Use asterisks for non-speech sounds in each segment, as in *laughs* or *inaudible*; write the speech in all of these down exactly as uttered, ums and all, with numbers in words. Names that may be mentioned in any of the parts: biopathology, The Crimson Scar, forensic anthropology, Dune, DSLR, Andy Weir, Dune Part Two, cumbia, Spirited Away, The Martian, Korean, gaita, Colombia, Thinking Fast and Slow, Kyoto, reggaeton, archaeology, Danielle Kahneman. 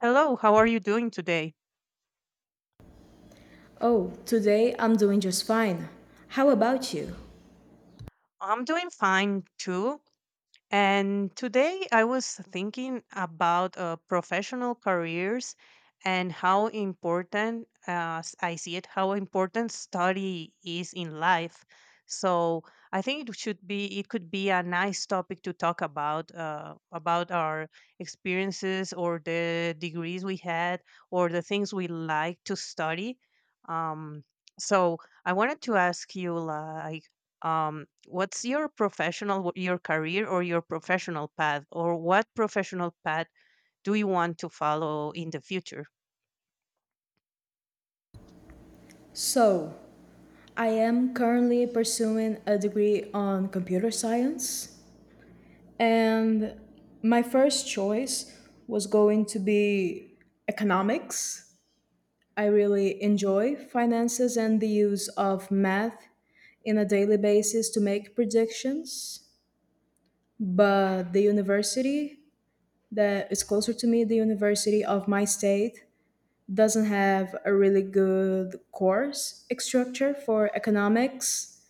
Hello, how are you doing today? Oh, today I'm doing just fine. How about you? I'm doing fine too. And today I was thinking about uh, professional careers and how important, as I see it, how important study is in life. So I think it should be, it could be a nice topic to talk about, uh, about our experiences or the degrees we had or the things we like to study. Um, so I wanted to ask you, like, um, what's your professional what- your career or your professional path or what professional path do you want to follow in the future? So, I am currently pursuing a degree on computer science, and my first choice was going to be economics. I really enjoy finances and the use of math in a daily basis to make predictions. But the university that is closer to me, the university of my state, doesn't have a really good course structure for economics,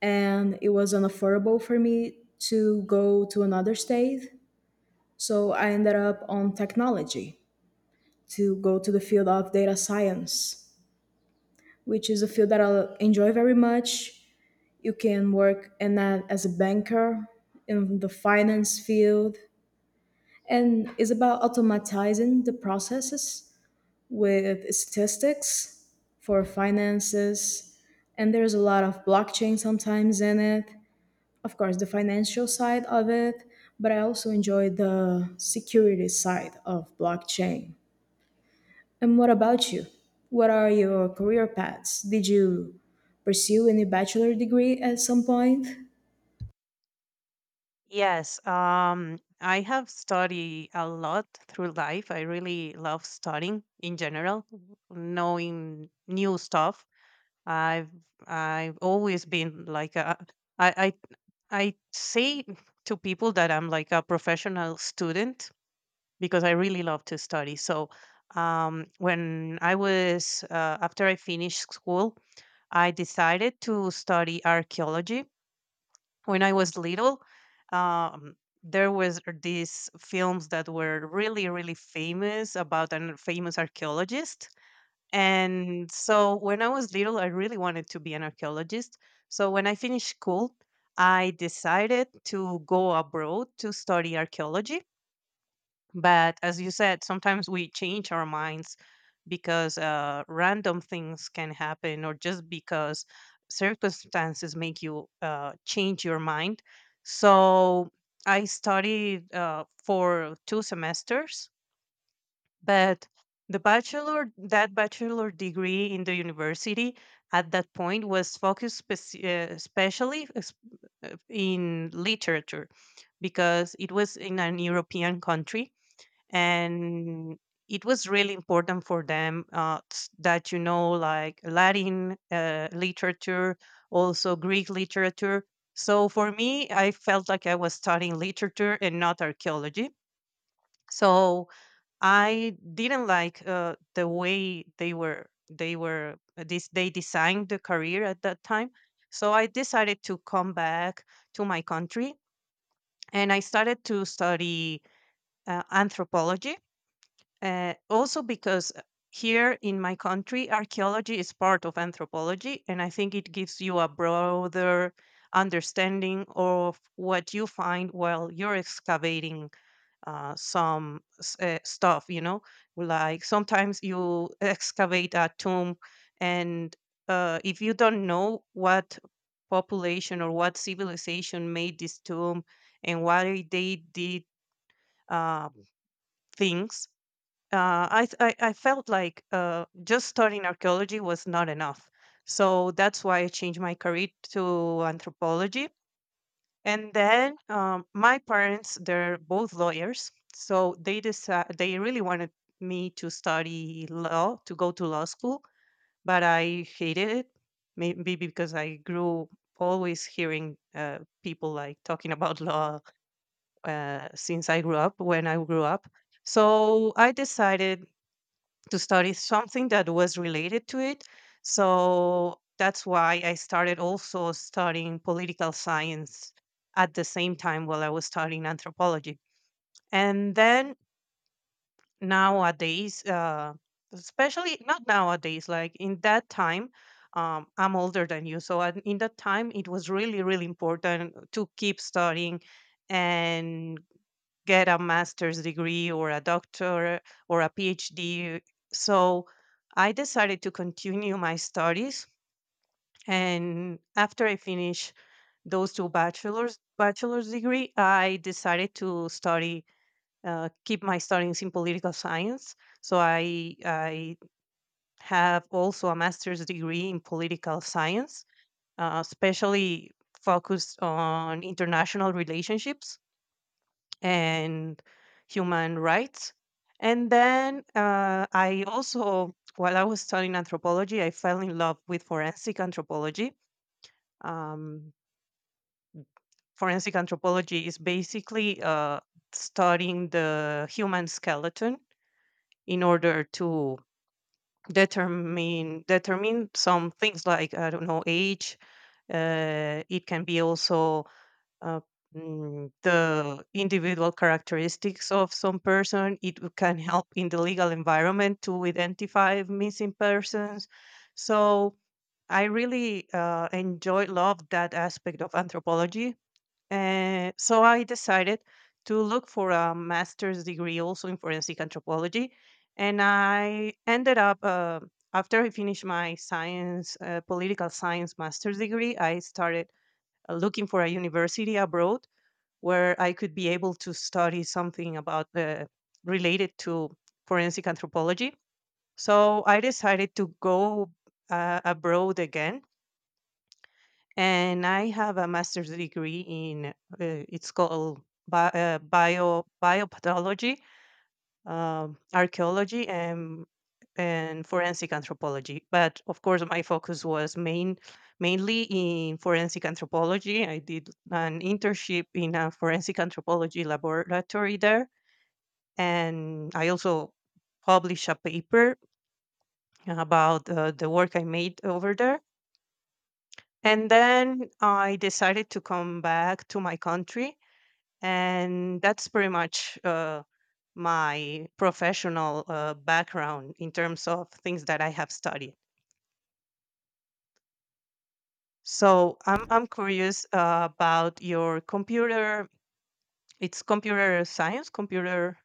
and it was unaffordable for me to go to another state, so I ended up on technology to go to the field of data science, which is a field that I enjoy very much. You can work in that as a banker in the finance field, and it's about automatizing the processes with statistics for finances, and there's a lot of blockchain sometimes in it, of course the financial side of it, but I also enjoy the security side of blockchain. And what about you? What are your career paths? Did you pursue any bachelor degree at some point? Yes, um, I have studied a lot through life. I really love studying in general, knowing new stuff. I've i've always been like a, I, I I say to people that I'm like a professional student because I really love to study. So um, when I was uh, after I finished school, I decided to study archaeology. When I was little, um, there was these films that were really, really famous about a famous archaeologist, and so when I was little, I really wanted to be an archaeologist. So when I finished school, I decided to go abroad to study archaeology. But as you said, sometimes we change our minds because uh, random things can happen, or just because circumstances make you uh, change your mind. So I studied uh, for two semesters, but the bachelor that bachelor degree in the university at that point was focused speci- uh, especially es- uh, in literature because it was in an european country, and it was really important for them uh, s- that you know like latin uh, literature, also greek literature. So for me, I felt like I was studying literature and not archaeology. So I didn't like uh, the way they were they were this they designed the career at that time. So I decided to come back to my country, and I started to study uh, anthropology. Uh, also because uh, here in my country, archaeology is part of anthropology, and I think it gives you a broader understanding of what you find while you're excavating uh, some s- uh, stuff, you know, like sometimes you *laughs* excavate a tomb, and uh, if you don't know what population or what civilization made this tomb and why they did uh, things, uh, I, th- I I felt like uh, just studying archaeology was not enough. So that's why I changed my career to anthropology. And then um, my parents, they're both lawyers, so they decided they really wanted me to study law, to go to law school, but I hated it. Maybe because I grew always hearing uh, people like talking about law uh, since I grew up. When I grew up, so I decided to study something that was related to it. So that's why I started also studying political science at the same time while I was studying anthropology. And then nowadays, uh, especially not nowadays, like in that time, um, I'm older than you. So at- in that time, it was really, really important to keep studying and get a master's degree or a doctor or a PhD. So I decided to continue my studies. And after I finished those two bachelor's bachelor's degree, I decided to study, uh, keep my studies in political science. So I I have also a master's degree in political science, uh, especially focused on international relationships and human rights. And then uh, I also, while I was studying anthropology, I fell in love with forensic anthropology. Um, forensic anthropology is basically uh, studying the human skeleton in order to determine determine some things, like I don't know, age. Uh, it can be also uh, mm, the individual characteristics of some person. It w- can help in the legal environment to identify missing persons. So I really uh, enjoy, love that aspect of anthropology. And so I decided to look for a master's degree also in forensic anthropology. And I ended up, uh, after I finished my science, uh, political science master's degree, I started uh, looking for a university abroad where I could be able to study something about uh, related to forensic anthropology. So I decided to go uh, abroad again, and I have a master's degree in uh, it's called bi- uh, bio biopathology, um, archaeology and and forensic anthropology. But of course, my focus was main mainly in forensic anthropology. I did an internship in a forensic anthropology laboratory there, and I also published a paper about uh, the work I made over there. And then I decided to come back to my country, and that's pretty much uh, my professional uh, background in terms of things that I have studied. So I'm I'm curious uh, about your computer. It's computer science, computer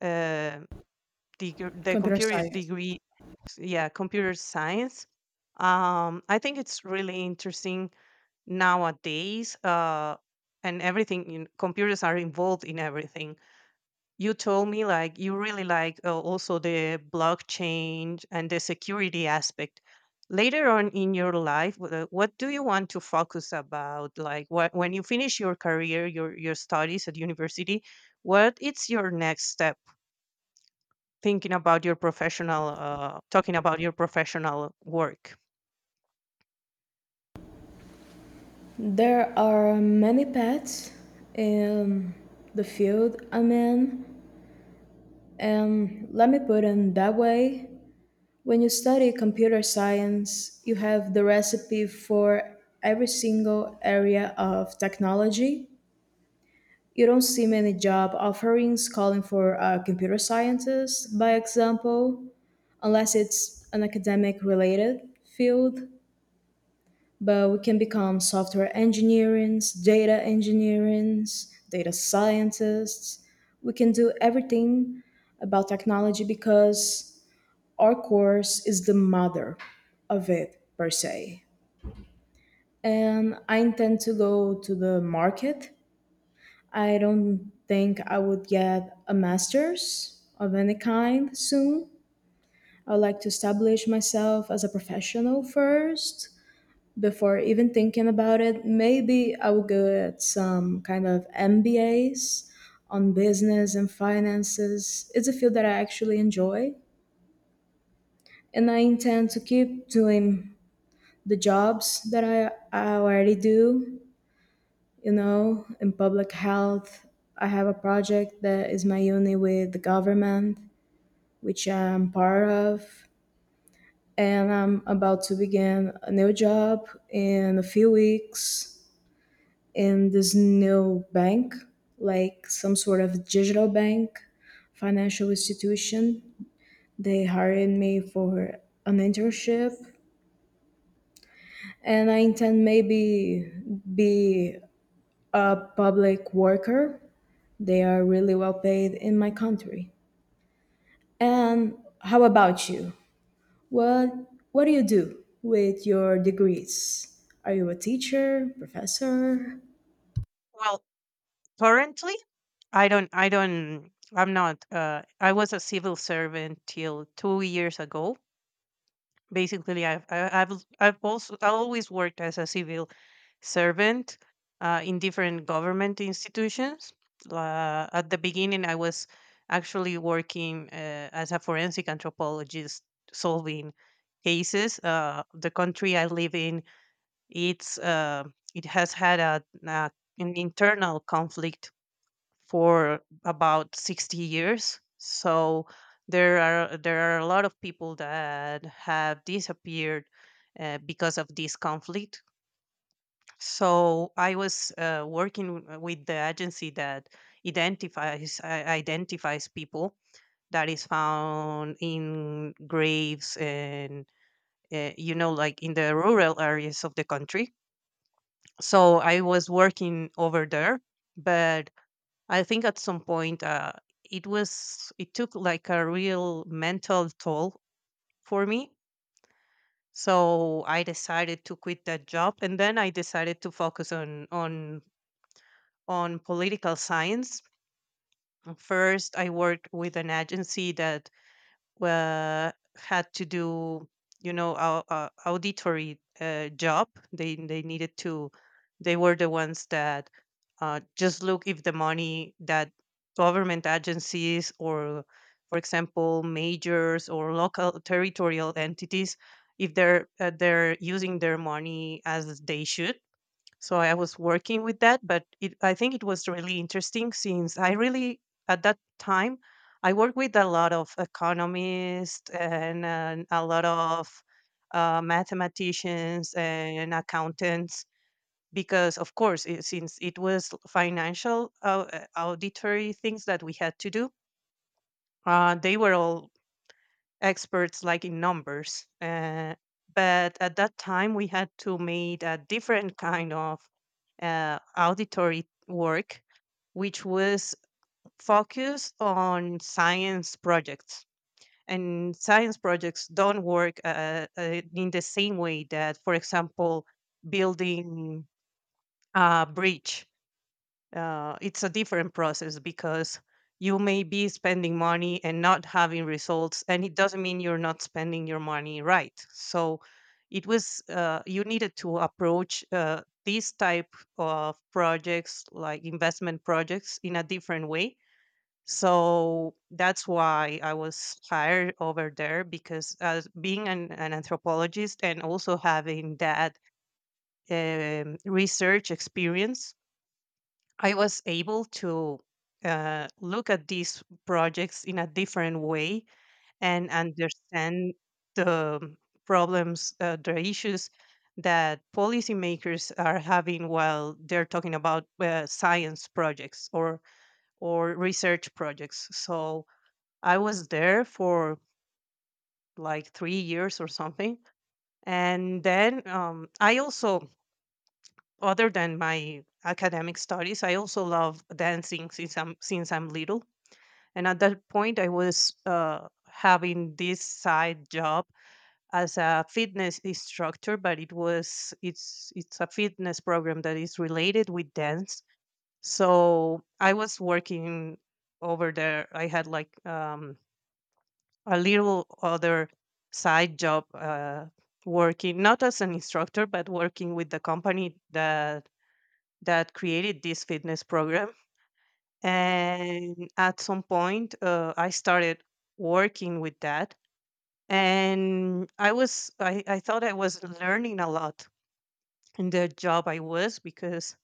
uh, deg- the Computer computer science. degree, s- yeah, computer science. Um, I think it's really interesting nowadays, uh, and everything in computers are involved in everything. You told me like you really like uh, also the blockchain and the security aspect later on in your life. Wh- uh, what do you want to focus about, like what, when you finish your career, your, your studies at university, what it's your next step, thinking about your professional uh, talking about your professional work? There are many paths in the field I'm in, and let me put it that way. When you study computer science, you have the recipe for every single area of technology. You don't see many job offerings calling for a computer scientist, by example, unless it's an academic related field. But we can become software engineers, data engineers, data scientists. We can do everything about technology because our course is the mother of it per se. And I intend to go to the market. I don't think I would get a master's of any kind soon. I would like to establish myself as a professional first before even thinking about it. Maybe I will get some kind of M B As on business and finances. It's a field that I actually enjoy, and I intend to keep doing the jobs that I, I already do, you know, in public health. I have a project that is my uni with the government, which I'm part of. And I'm about to begin a new job in a few weeks in this new bank, like some sort of digital bank, financial institution. They hired me for an internship, and I intend maybe be a public worker. They are really well paid in my country. And how about you? What what do you do with your degrees? Are you a teacher, professor? Well, currently I don't I don't I'm not uh, I was a civil servant till two years ago. Basically, I've I- I've I've also I always worked as a civil servant uh, in different government institutions. Uh, at the beginning, I was actually working uh, as a forensic anthropologist, solving cases. Uh, the country I live in, it's uh, it has had a, a an internal conflict for about sixty years. So there are there are a lot of people that have disappeared uh, because of this conflict. So I was uh, working w- with the agency that identifies i- identifies people that is found in graves and uh, you know, like in the rural areas of the country. So I was working over there, but I think at some point uh, it was it took like a real mental toll for me. So I decided to quit that job, and then I decided to focus on on on political science. First, I worked with an agency that were had to do, you know, our uh, auditory uh, job. They they needed to, they were the ones that uh, just look if the money that government agencies or for example majors or local territorial entities, if they're uh, they're using their money as they should. So I was working with that, but it, I think it was really interesting. Since I really, at that time, I worked with a lot of economists, and uh, a lot of uh, mathematicians and accountants because, of course, it, since it was financial uh, uh, auditory things that we had to do, uh, they were all experts like in numbers. Uh, but at that time, we had to meet a different kind of uh, auditory work, which was focused on science projects. And science projects don't work uh, uh, in the same way that, for example, building a bridge. Uh, it's a different process because you may be spending money and not having results, and it doesn't mean you're not spending your money right. So it was uh, you needed to approach uh, these type of projects like investment projects in a different way. So that's why I was hired over there, because as being an, an anthropologist and also having that um, research experience, I was able to uh, look at these projects in a different way and understand the problems, uh, the issues that policymakers are having while they're talking about uh, science projects or or research projects. So I was there for like three years or something. And then um, I also, other than my academic studies, I also love dancing since I'm since I'm little, and at that point I was uh, having this side job as a fitness instructor, but it was it's it's a fitness program that is related with dance. So I was working over there. I had like um, a little other side job, uh, working not as an instructor but working with the company that that created this fitness program. And at some point uh, I started working with that, and i was I, I thought I was learning a lot in the job I was because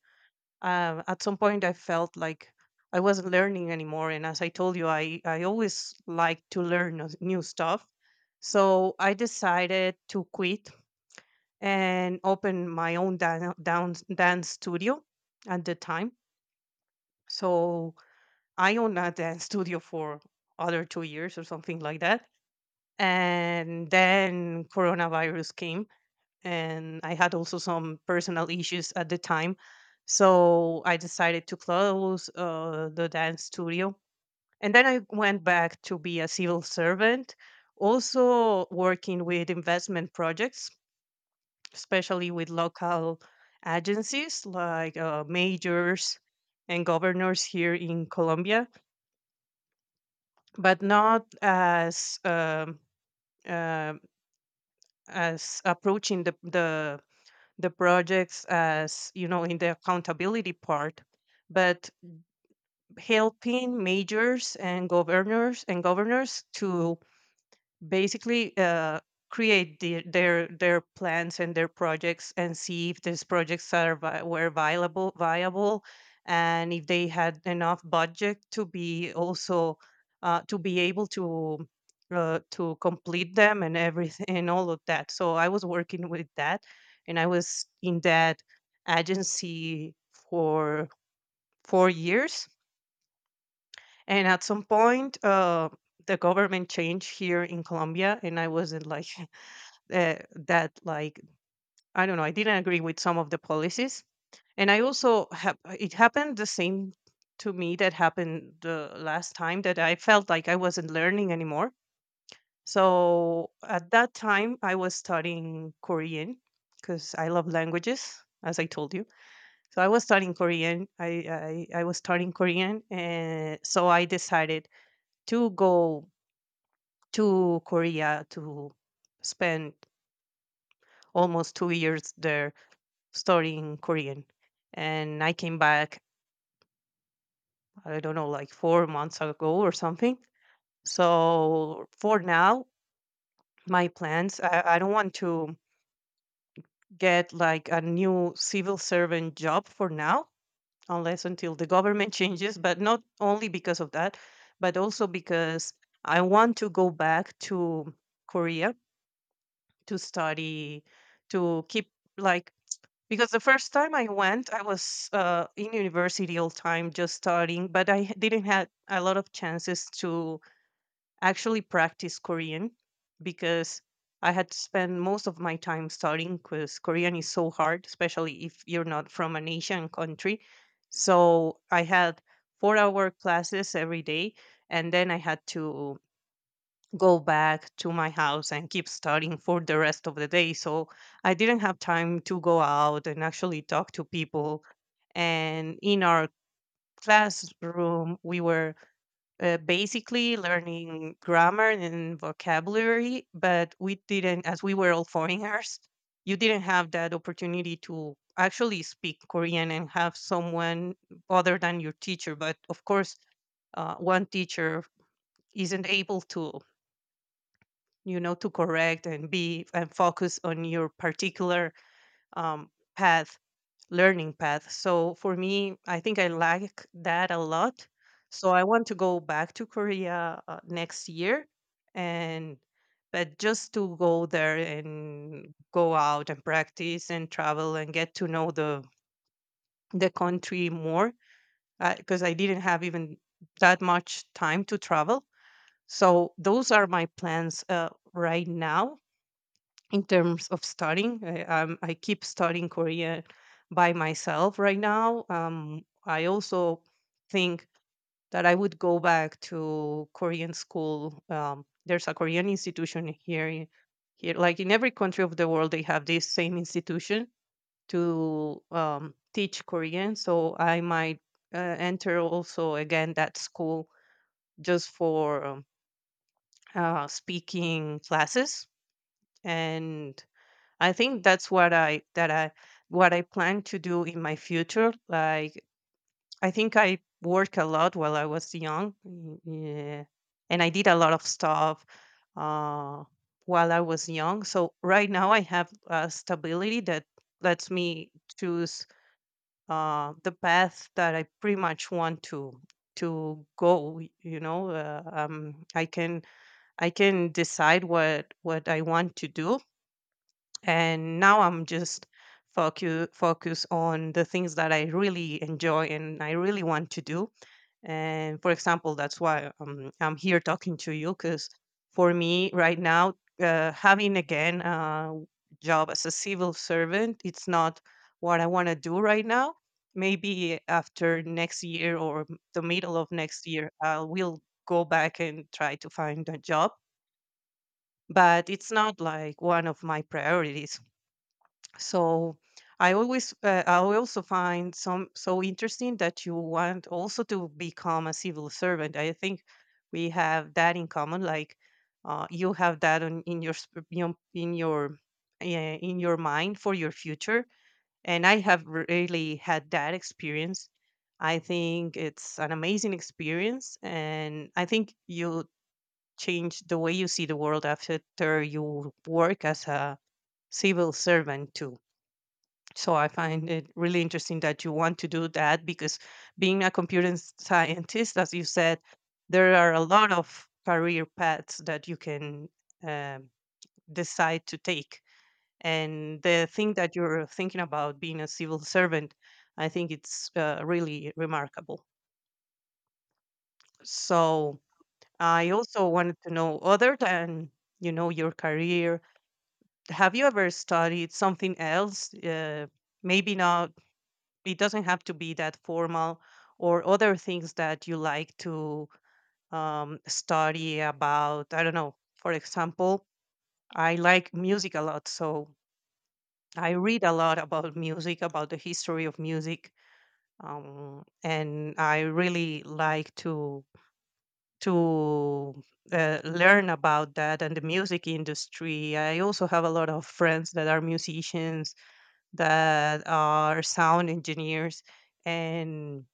uh at some point I felt like I wasn't learning anymore, and as I told you, i, I always like to learn new new stuff. So I decided to quit and open my own dan- down, dance studio at the time. So I own a dance studio for other two years or something like that. And then coronavirus came, and I had also some personal issues at the time. So I decided to close uh, the dance studio. And then I went back to be a civil servant, also working with investment projects, especially with local agencies like uh, majors and governors here in Colombia, but not as um, um as approaching the the the projects, as you know, in the accountability part, but helping majors and governors and governors to basically uh, create the, their their plans and their projects, and see if these projects are vi- were viable viable and if they had enough budget to be also uh, to be able to uh, to complete them and everything and all of that. So I was working with that, and I was in that agency for four years. And at some point, uh, the government changed here in Colombia, and I wasn't like *laughs* uh, that like I don't know, I didn't agree with some of the policies, and I also have it happened the same to me that happened the last time, that I felt like I wasn't learning anymore. So at that time I was studying Korean because I love languages, as I told you. So I was studying Korean, i i, I was studying Korean, and so I decided to go to Korea to spend almost two years there, story in Korean. And I came back, I don't know, like four months ago or something. So for now, my plans, I, I don't want to get like a new civil servant job for now, unless until the government *laughs* changes, but not only because of that, but also because I want to go back to Korea to study, to keep like. Because the first time I went, I was uh, in university all time, just studying, but I h- didn't have a lot of chances to actually practice Korean, because I had to spend most of my time studying, because Korean is so hard, especially if you're not from an Asian country. So I had four hour classes every day, and then I had to go back to my house and keep studying for the rest of the day. So I didn't have time to go out and actually talk to people. And in our classroom, we were uh, basically learning grammar and vocabulary, but we didn't, as we were all *laughs* foreigners, you didn't have that opportunity to actually speak Korean and have someone other than your teacher. But of course, uh, one teacher isn't able to, you know, to correct and be and focus on your particular um, path, learning path. So for me, I think I like that a lot. So I want to go back to Korea uh, next year, and but just to go there and go out and practice and travel and get to know the the country more, because I didn't have even that much time to travel. So those are my plans uh, right now, in terms of studying. I, um, I keep studying Korean by myself right now. Um, I also think that I would go back to Korean school. Um, there's a Korean institution here, in- here, like in every country of the world, they have this same institution to um, teach Korean. So I might uh, enter also again that school, just for um, uh, speaking classes. And I think that's what I that I what I plan to do in my future. Like, I think I worked a lot while I was young, mm, yeah, and I did a lot of stuff uh, while I was young. So right now I have a stability that lets me choose uh, the path that I pretty much want to to go. y- You know, uh, um, I can I can decide what what I want to do. And now I'm just focus focus on the things that I really enjoy and I really want to do. And for example, that's why um, I'm here talking to you, because for me right now, uh, having again a job as a civil servant, it's not what I want to do right now. Maybe after next year or m- the middle of next year, I will go back and try to find a job, but it's not like one of my priorities. So I always, uh, I also find some so interesting that you want also to become a civil servant. I think we have that in common. Like, uh, you have that on, in your sp- you know, in your uh, in your mind for your future, and I have really had that experience. I think it's an amazing experience, and I think you change the way you see the world after you work as a civil servant too. So I find it really interesting that you want to do that, because being a computer s- scientist, as you said, there are a lot of career paths that you can um, decide to take. And the thing that you're thinking about being a civil servant, I think it's uh, really remarkable. So I also wanted to know, other than, you know, your career, have you ever studied something else? Uh, maybe not, it doesn't have to be that formal, or other things that you like to um, study about. I don't know, for example, I like music a lot, so I read a lot about music, about the history of music, um, and I really like to to uh, learn about that and the music industry. I also have a lot of friends that are musicians, that are sound engineers, and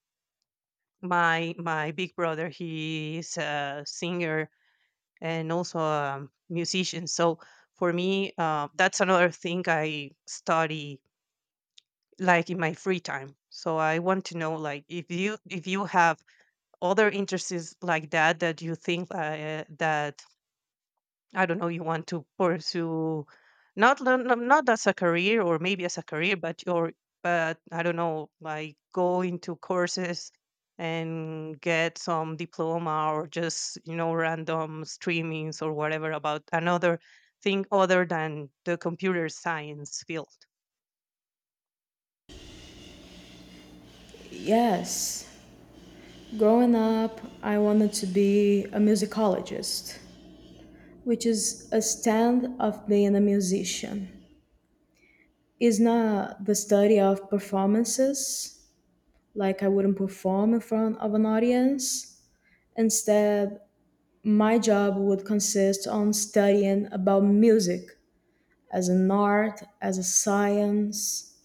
my my big brother, he is a singer and also a musician. So for me, uh, that's another thing I study, like in my free time. So I want to know, like, if you if you have other interests like that, that you think uh, that, I don't know, you want to pursue, not le- no- not as a career or maybe as a career, but your, but I don't know, like go into courses and get some diploma, or just, you know, random streamings or whatever about another thing other than the computer science field. Yes. Growing up, I wanted to be a musicologist, which is a stand of being a musician. It's not the study of performances, like I wouldn't perform in front of an audience. Instead, my job would consist on studying about music as an art, as a science,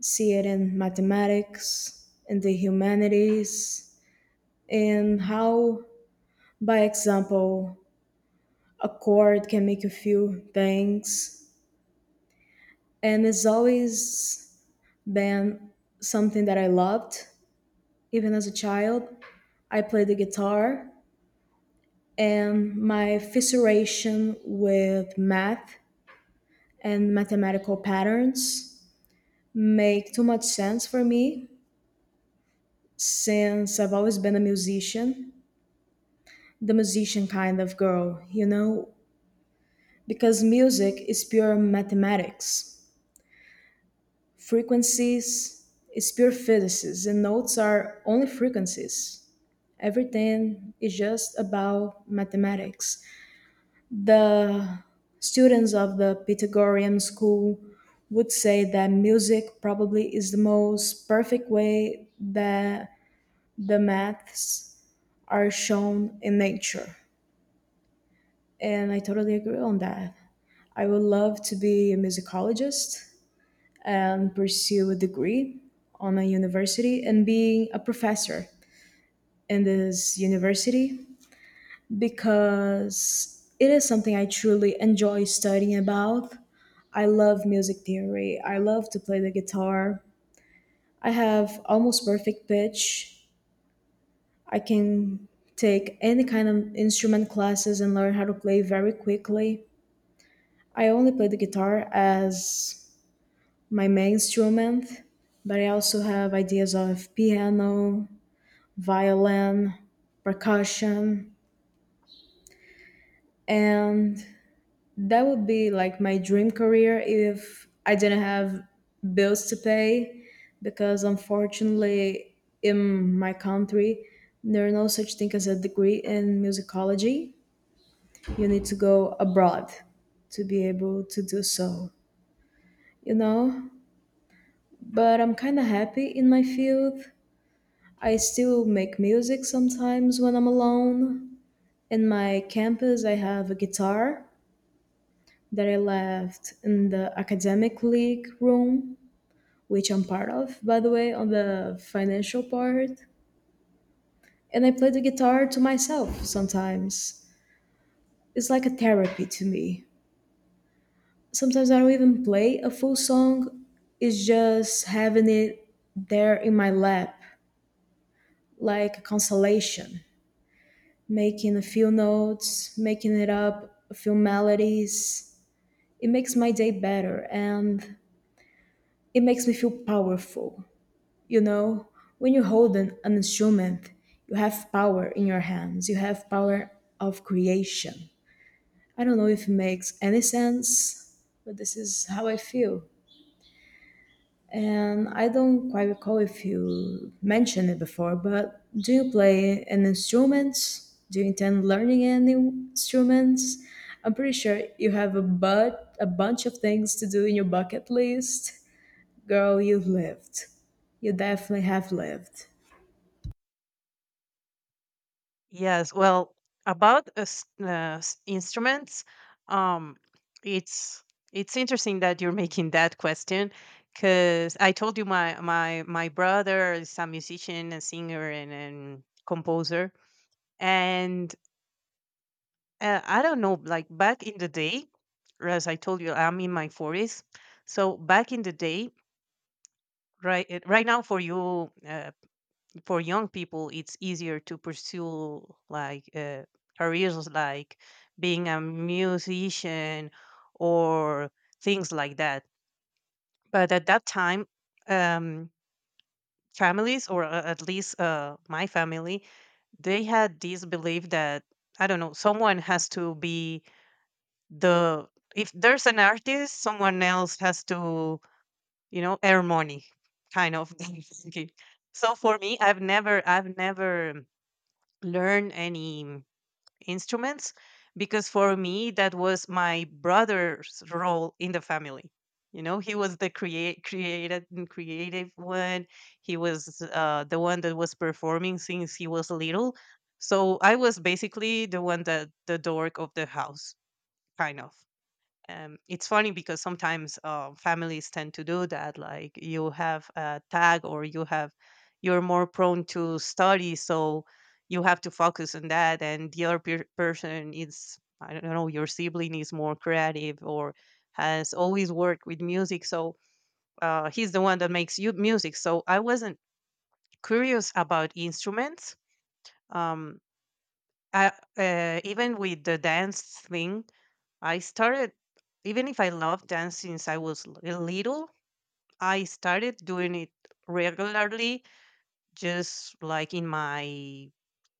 see it in mathematics, in the humanities, and how, by example, a chord can make you feel things. And it's always been something that I loved. Even as a child, I played the guitar, and my fissuration with math and mathematical patterns make too much sense for me since I've always been a musician, the musician kind of girl, you know, because music is pure mathematics. Frequencies is pure physics, and notes are only frequencies. Everything is just about mathematics. The students of the Pythagorean school would say that music probably is the most perfect way that the maths are shown in nature. And I totally agree on that. I would love to be a musicologist and pursue a degree on a university and being a professor in this university because it is something I truly enjoy studying about. I love music theory. I love to play the guitar. I have almost perfect pitch. I can take any kind of instrument classes and learn how to play very quickly. I only play the guitar as my main instrument, but I also have ideas of piano, violin, percussion, and that would be like my dream career if I didn't have bills to pay, because unfortunately, in my country, there are no such thing as a degree in musicology. You need to go abroad to be able to do so, you know? But I'm kind of happy in my field. I still make music sometimes when I'm alone. In my campus, I have a guitar that I left in the academic league room, which I'm part of, by the way, on the financial part. And I play the guitar to myself sometimes. It's like a therapy to me. Sometimes I don't even play a full song, it's just having it there in my lap, like a consolation, making a few notes, making it up, a few melodies. It makes my day better, and it makes me feel powerful. You know, when you hold an, an instrument, you have power in your hands, you have power of creation. I don't know if it makes any sense, but this is how I feel. And I don't quite recall if you mentioned it before, but do you play an instrument? Do you intend learning any instruments? I'm pretty sure you have a but a bunch of things to do in your bucket list. Girl, you've lived. You definitely have lived. Yes, well, about uh, s- uh, s- instruments, um, it's it's interesting that you're making that question, because I told you my my my brother is a musician, a singer, and, and composer, and uh, I don't know, like back in the day, as I told you, I'm in my forties, so back in the day, right eh, right now for you. Uh, for young people it's easier to pursue like uh, careers like being a musician or things like that. But at that time, um, families or a- at least uh, my family, they had this belief that, I don't know, someone has to be the, if there's an artist, someone else has to, you know, earn money, kind of *laughs* thinking. So for me, i've never I've never learn any instruments, because for me that was my brother's role in the family, you know. He was the create created and creative one. He was uh, the one that was performing since he was little. So I was basically the one that the dork of the house, kind of. um, it's funny because sometimes uh, families tend to do that. Like, you have a tag, or you have, you're more prone to study, so you have to focus on that, and the other per- person is, I don't know, your sibling is more creative or has always worked with music, so uh, he's the one that makes you music. So I wasn't curious about instruments. Um, I, uh, even with the dance thing, I started, even if I love dance since I was l- little, I started doing it regularly, just like in my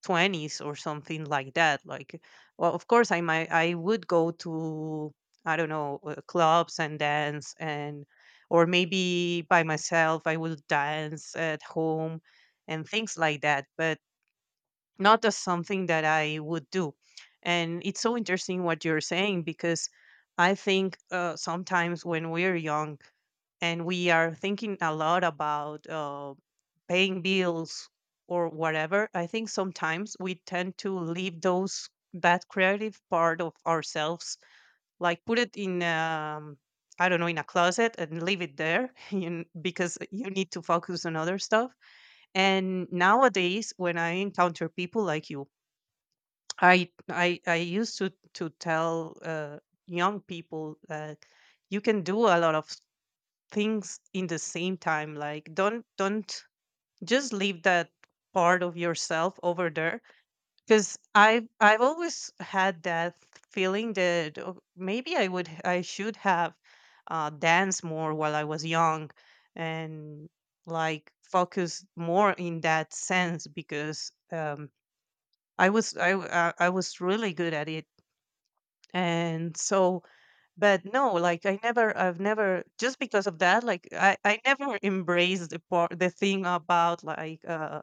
twenties or something like that. Like, well, of course, I might, I would go to, I don't know, uh, clubs and dance and, or maybe by myself, I will dance at home and things like that. But not as something that I would do. And it's so interesting what you're saying, because I think uh, sometimes when we're young and we are thinking a lot about uh, paying bills or whatever, I think sometimes we tend to leave those that creative part of ourselves, like put it in. Um, I don't know, in a closet and leave it there *laughs* you, because you need to focus on other stuff. And nowadays, when I encounter people like you, I I I used to to tell uh, young people that you can do a lot of things in the same time. Like don't don't just leave that part of yourself over there, because I've I've always had that feeling that, oh, maybe I would I should have uh, danced more while I was young and like focus more in that sense, because um, I was I w- I I was really good at it. And so, but no, like I never, I've never, just because of that, like i i never embraced the part the thing about like uh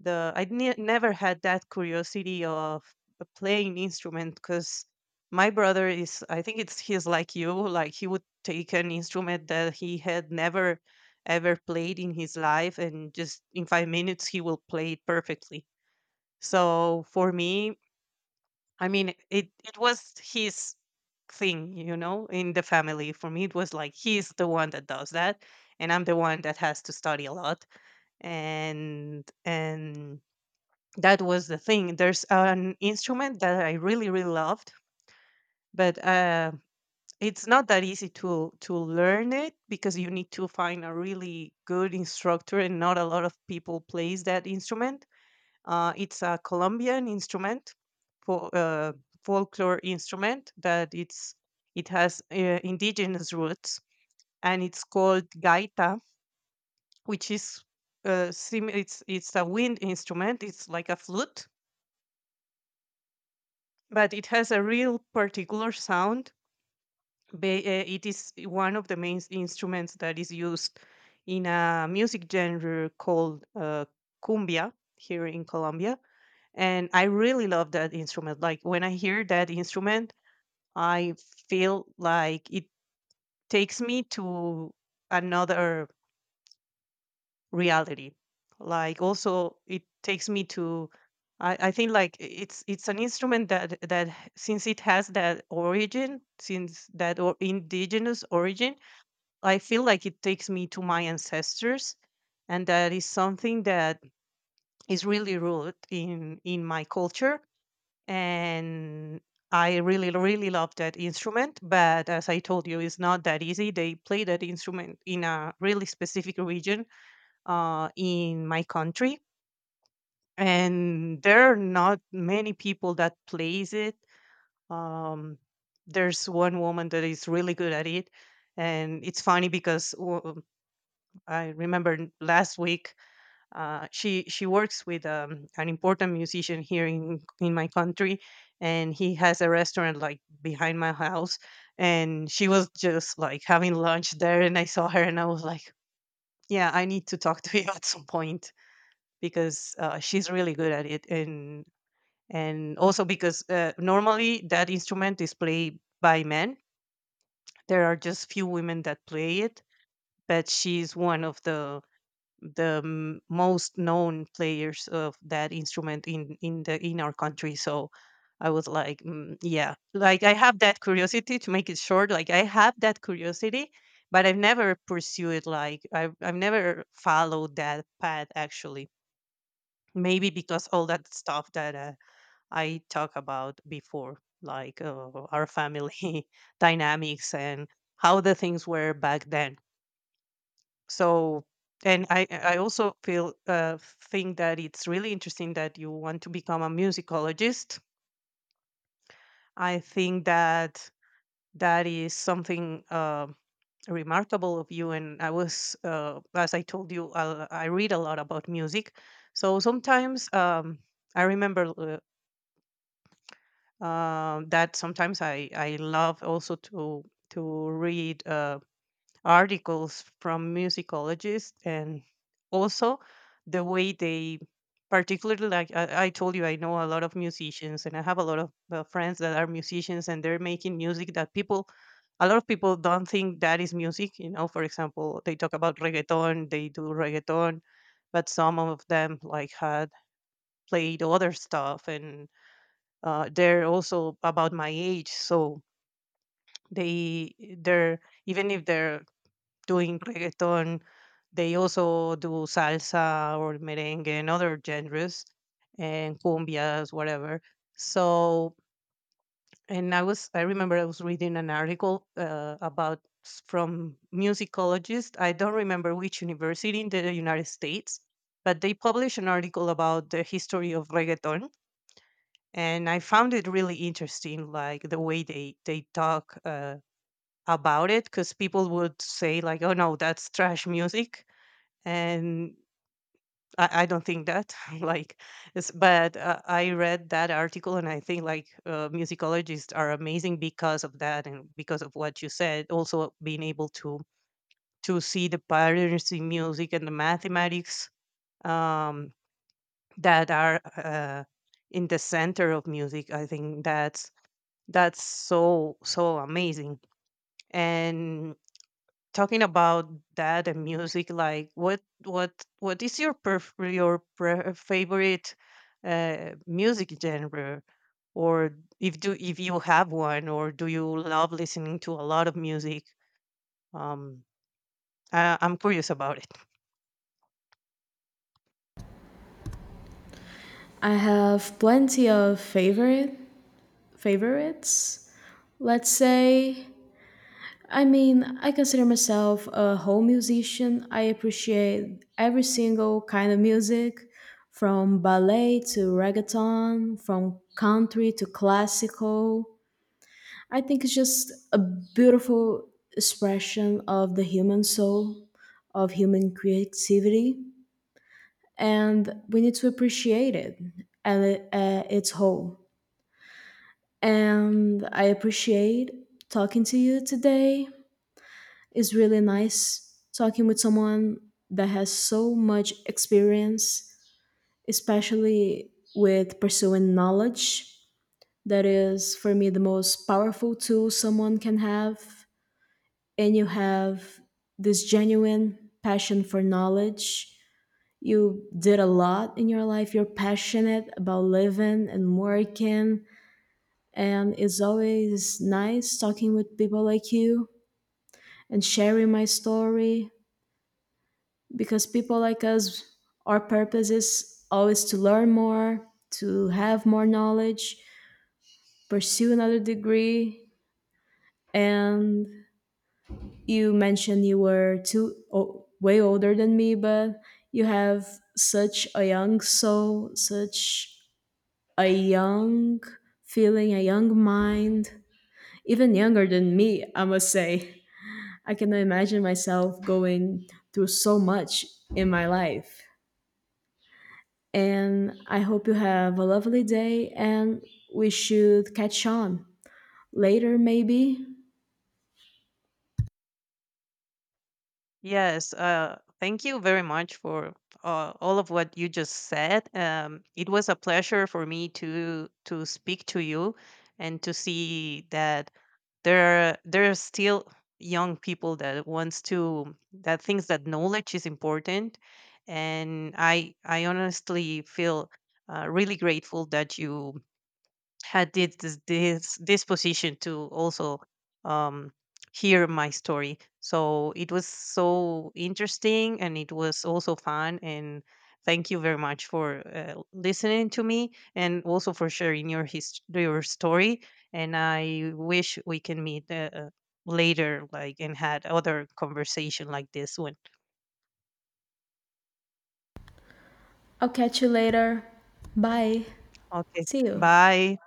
the i ne- never had that curiosity of playing instrument, because my brother is, I think it's he's like you. Like, he would take an instrument that he had never ever played in his life, and just in five minutes he will play it perfectly. So for me, I mean, it it was his thing, you know, in the family. For me, it was like, he's the one that does that, and I'm the one that has to study a lot. And and that was the thing. There's an instrument that I really really loved, but uh, it's not that easy to to learn it, because you need to find a really good instructor, and not a lot of people plays that instrument. Uh, it's a Colombian instrument, for uh, folklore instrument that it's it has uh, indigenous roots, and it's called gaita, which is uh, sim- it's it's a wind instrument. It's like a flute, but it has a real particular sound. Ba- uh, It is one of the main instruments that is used in a music genre called uh, cumbia here in Colombia. And I really love that instrument. Like, when I hear that instrument, I feel like it takes me to another reality. Like also, it takes me to. I, I think like i- it's it's an instrument that that h- since it has that origin, since that or indigenous origin, I feel like it takes me to my ancestors, and that is something that is really rooted in in my culture. And I really, really love that instrument. But as I told you, it's not that easy. They play that instrument in a really specific region uh, in my country, and there are not many people that plays it. Um, there's one woman that is really good at it, and it's funny because uh, I remember last week uh, she she works with um, an important musician here in in my country, and he has a restaurant like behind my house. And she was just like having lunch there, and I saw her, and I was like, "Yeah, I need to talk to you *laughs* at some point, because uh, she's really good at it." And and also, because uh, normally that instrument is played by men. There are just few women that play it, but she's one of the the m- most known players of that instrument in in the in our country. So I was like, mm, yeah, like I have that curiosity. To make it short, like I have that curiosity, but I've never pursued, like i've, I've never followed that path, actually. Maybe because all that stuff that uh, I talked about before, like uh, our family *laughs* dynamics and how the things were back then. So and i i also feel uh, think that it's really interesting that you want to become a musicologist. I think that that is something uh, remarkable of you. And I was uh, as I told you, i i read a lot about music. So sometimes um, I remember uh, um that sometimes i i love also to to read uh, articles from musicologists, and also the way they particularly, like, I, I told you, I know a lot of musicians, and I have a lot of uh, friends that are musicians, and they're making music that people a lot of people don't think that is music you know For example, they talk about reggaeton, they do reggaeton, but some of them like had played other stuff. And uh, they're also about my age, so they they're even if they're doing reggaeton. They also do salsa or merengue and other genres, and cumbias, whatever. So, and I was, I remember I was reading an article uh, about s- from musicologist. I don't remember which university in the United States, but they published an article about the history of reggaeton. And I found it really interesting, like the way they, they talk uh, about it, because people would say like, oh, no, that's trash music. And I, I don't think that *laughs* like it's, but uh, I read that article, and I think, like, uh, musicologists are amazing because of that, and because of what you said also, being able to to see the patterns in music and the mathematics, um, that are uh, in the center of music. I think that's that's so so amazing. And, talking about that and music, like, what what what is your perf- your pre- favorite uh, music genre, or if do if you have one, or do you love listening to a lot of music? um I, i'm curious about it. I have plenty of favorite favorites. Let's say, I mean, I consider myself a whole musician. I appreciate every single kind of music, from ballet to reggaeton, from country to classical. I think it's just a beautiful expression of the human soul, of human creativity, and we need to appreciate it at, at its whole. And I appreciate talking to you today. It's really nice talking with someone that has so much experience, especially with pursuing knowledge. That is, for me, the most powerful tool someone can have. And you have this genuine passion for knowledge. You did a lot in your life. You're passionate about living and working. And it's always nice talking with people like you and sharing my story because people like us, our purpose is always to learn more, to have more knowledge, pursue another degree. And you mentioned you were too o- way older than me, but you have such a young soul, such a young feeling, a young mind, even younger than me, I must say. I cannot imagine myself going through so much in my life. And I hope you have a lovely day and we should catch on later, maybe. Yes, uh, thank you very much for uh, all of what you just said. Um, it was a pleasure for me to to speak to you, and to see that there are, there are still young people that wants to that thinks that knowledge is important, and I I honestly feel uh, really grateful that you had did this this disposition to also um, hear my story. So it was so interesting, and it was also fun. And thank you very much for uh, listening to me, and also for sharing your his- your story. And I wish we can meet uh, uh, later, like, and had other conversation like this one. I'll catch you later. Bye. Okay, See you. bye.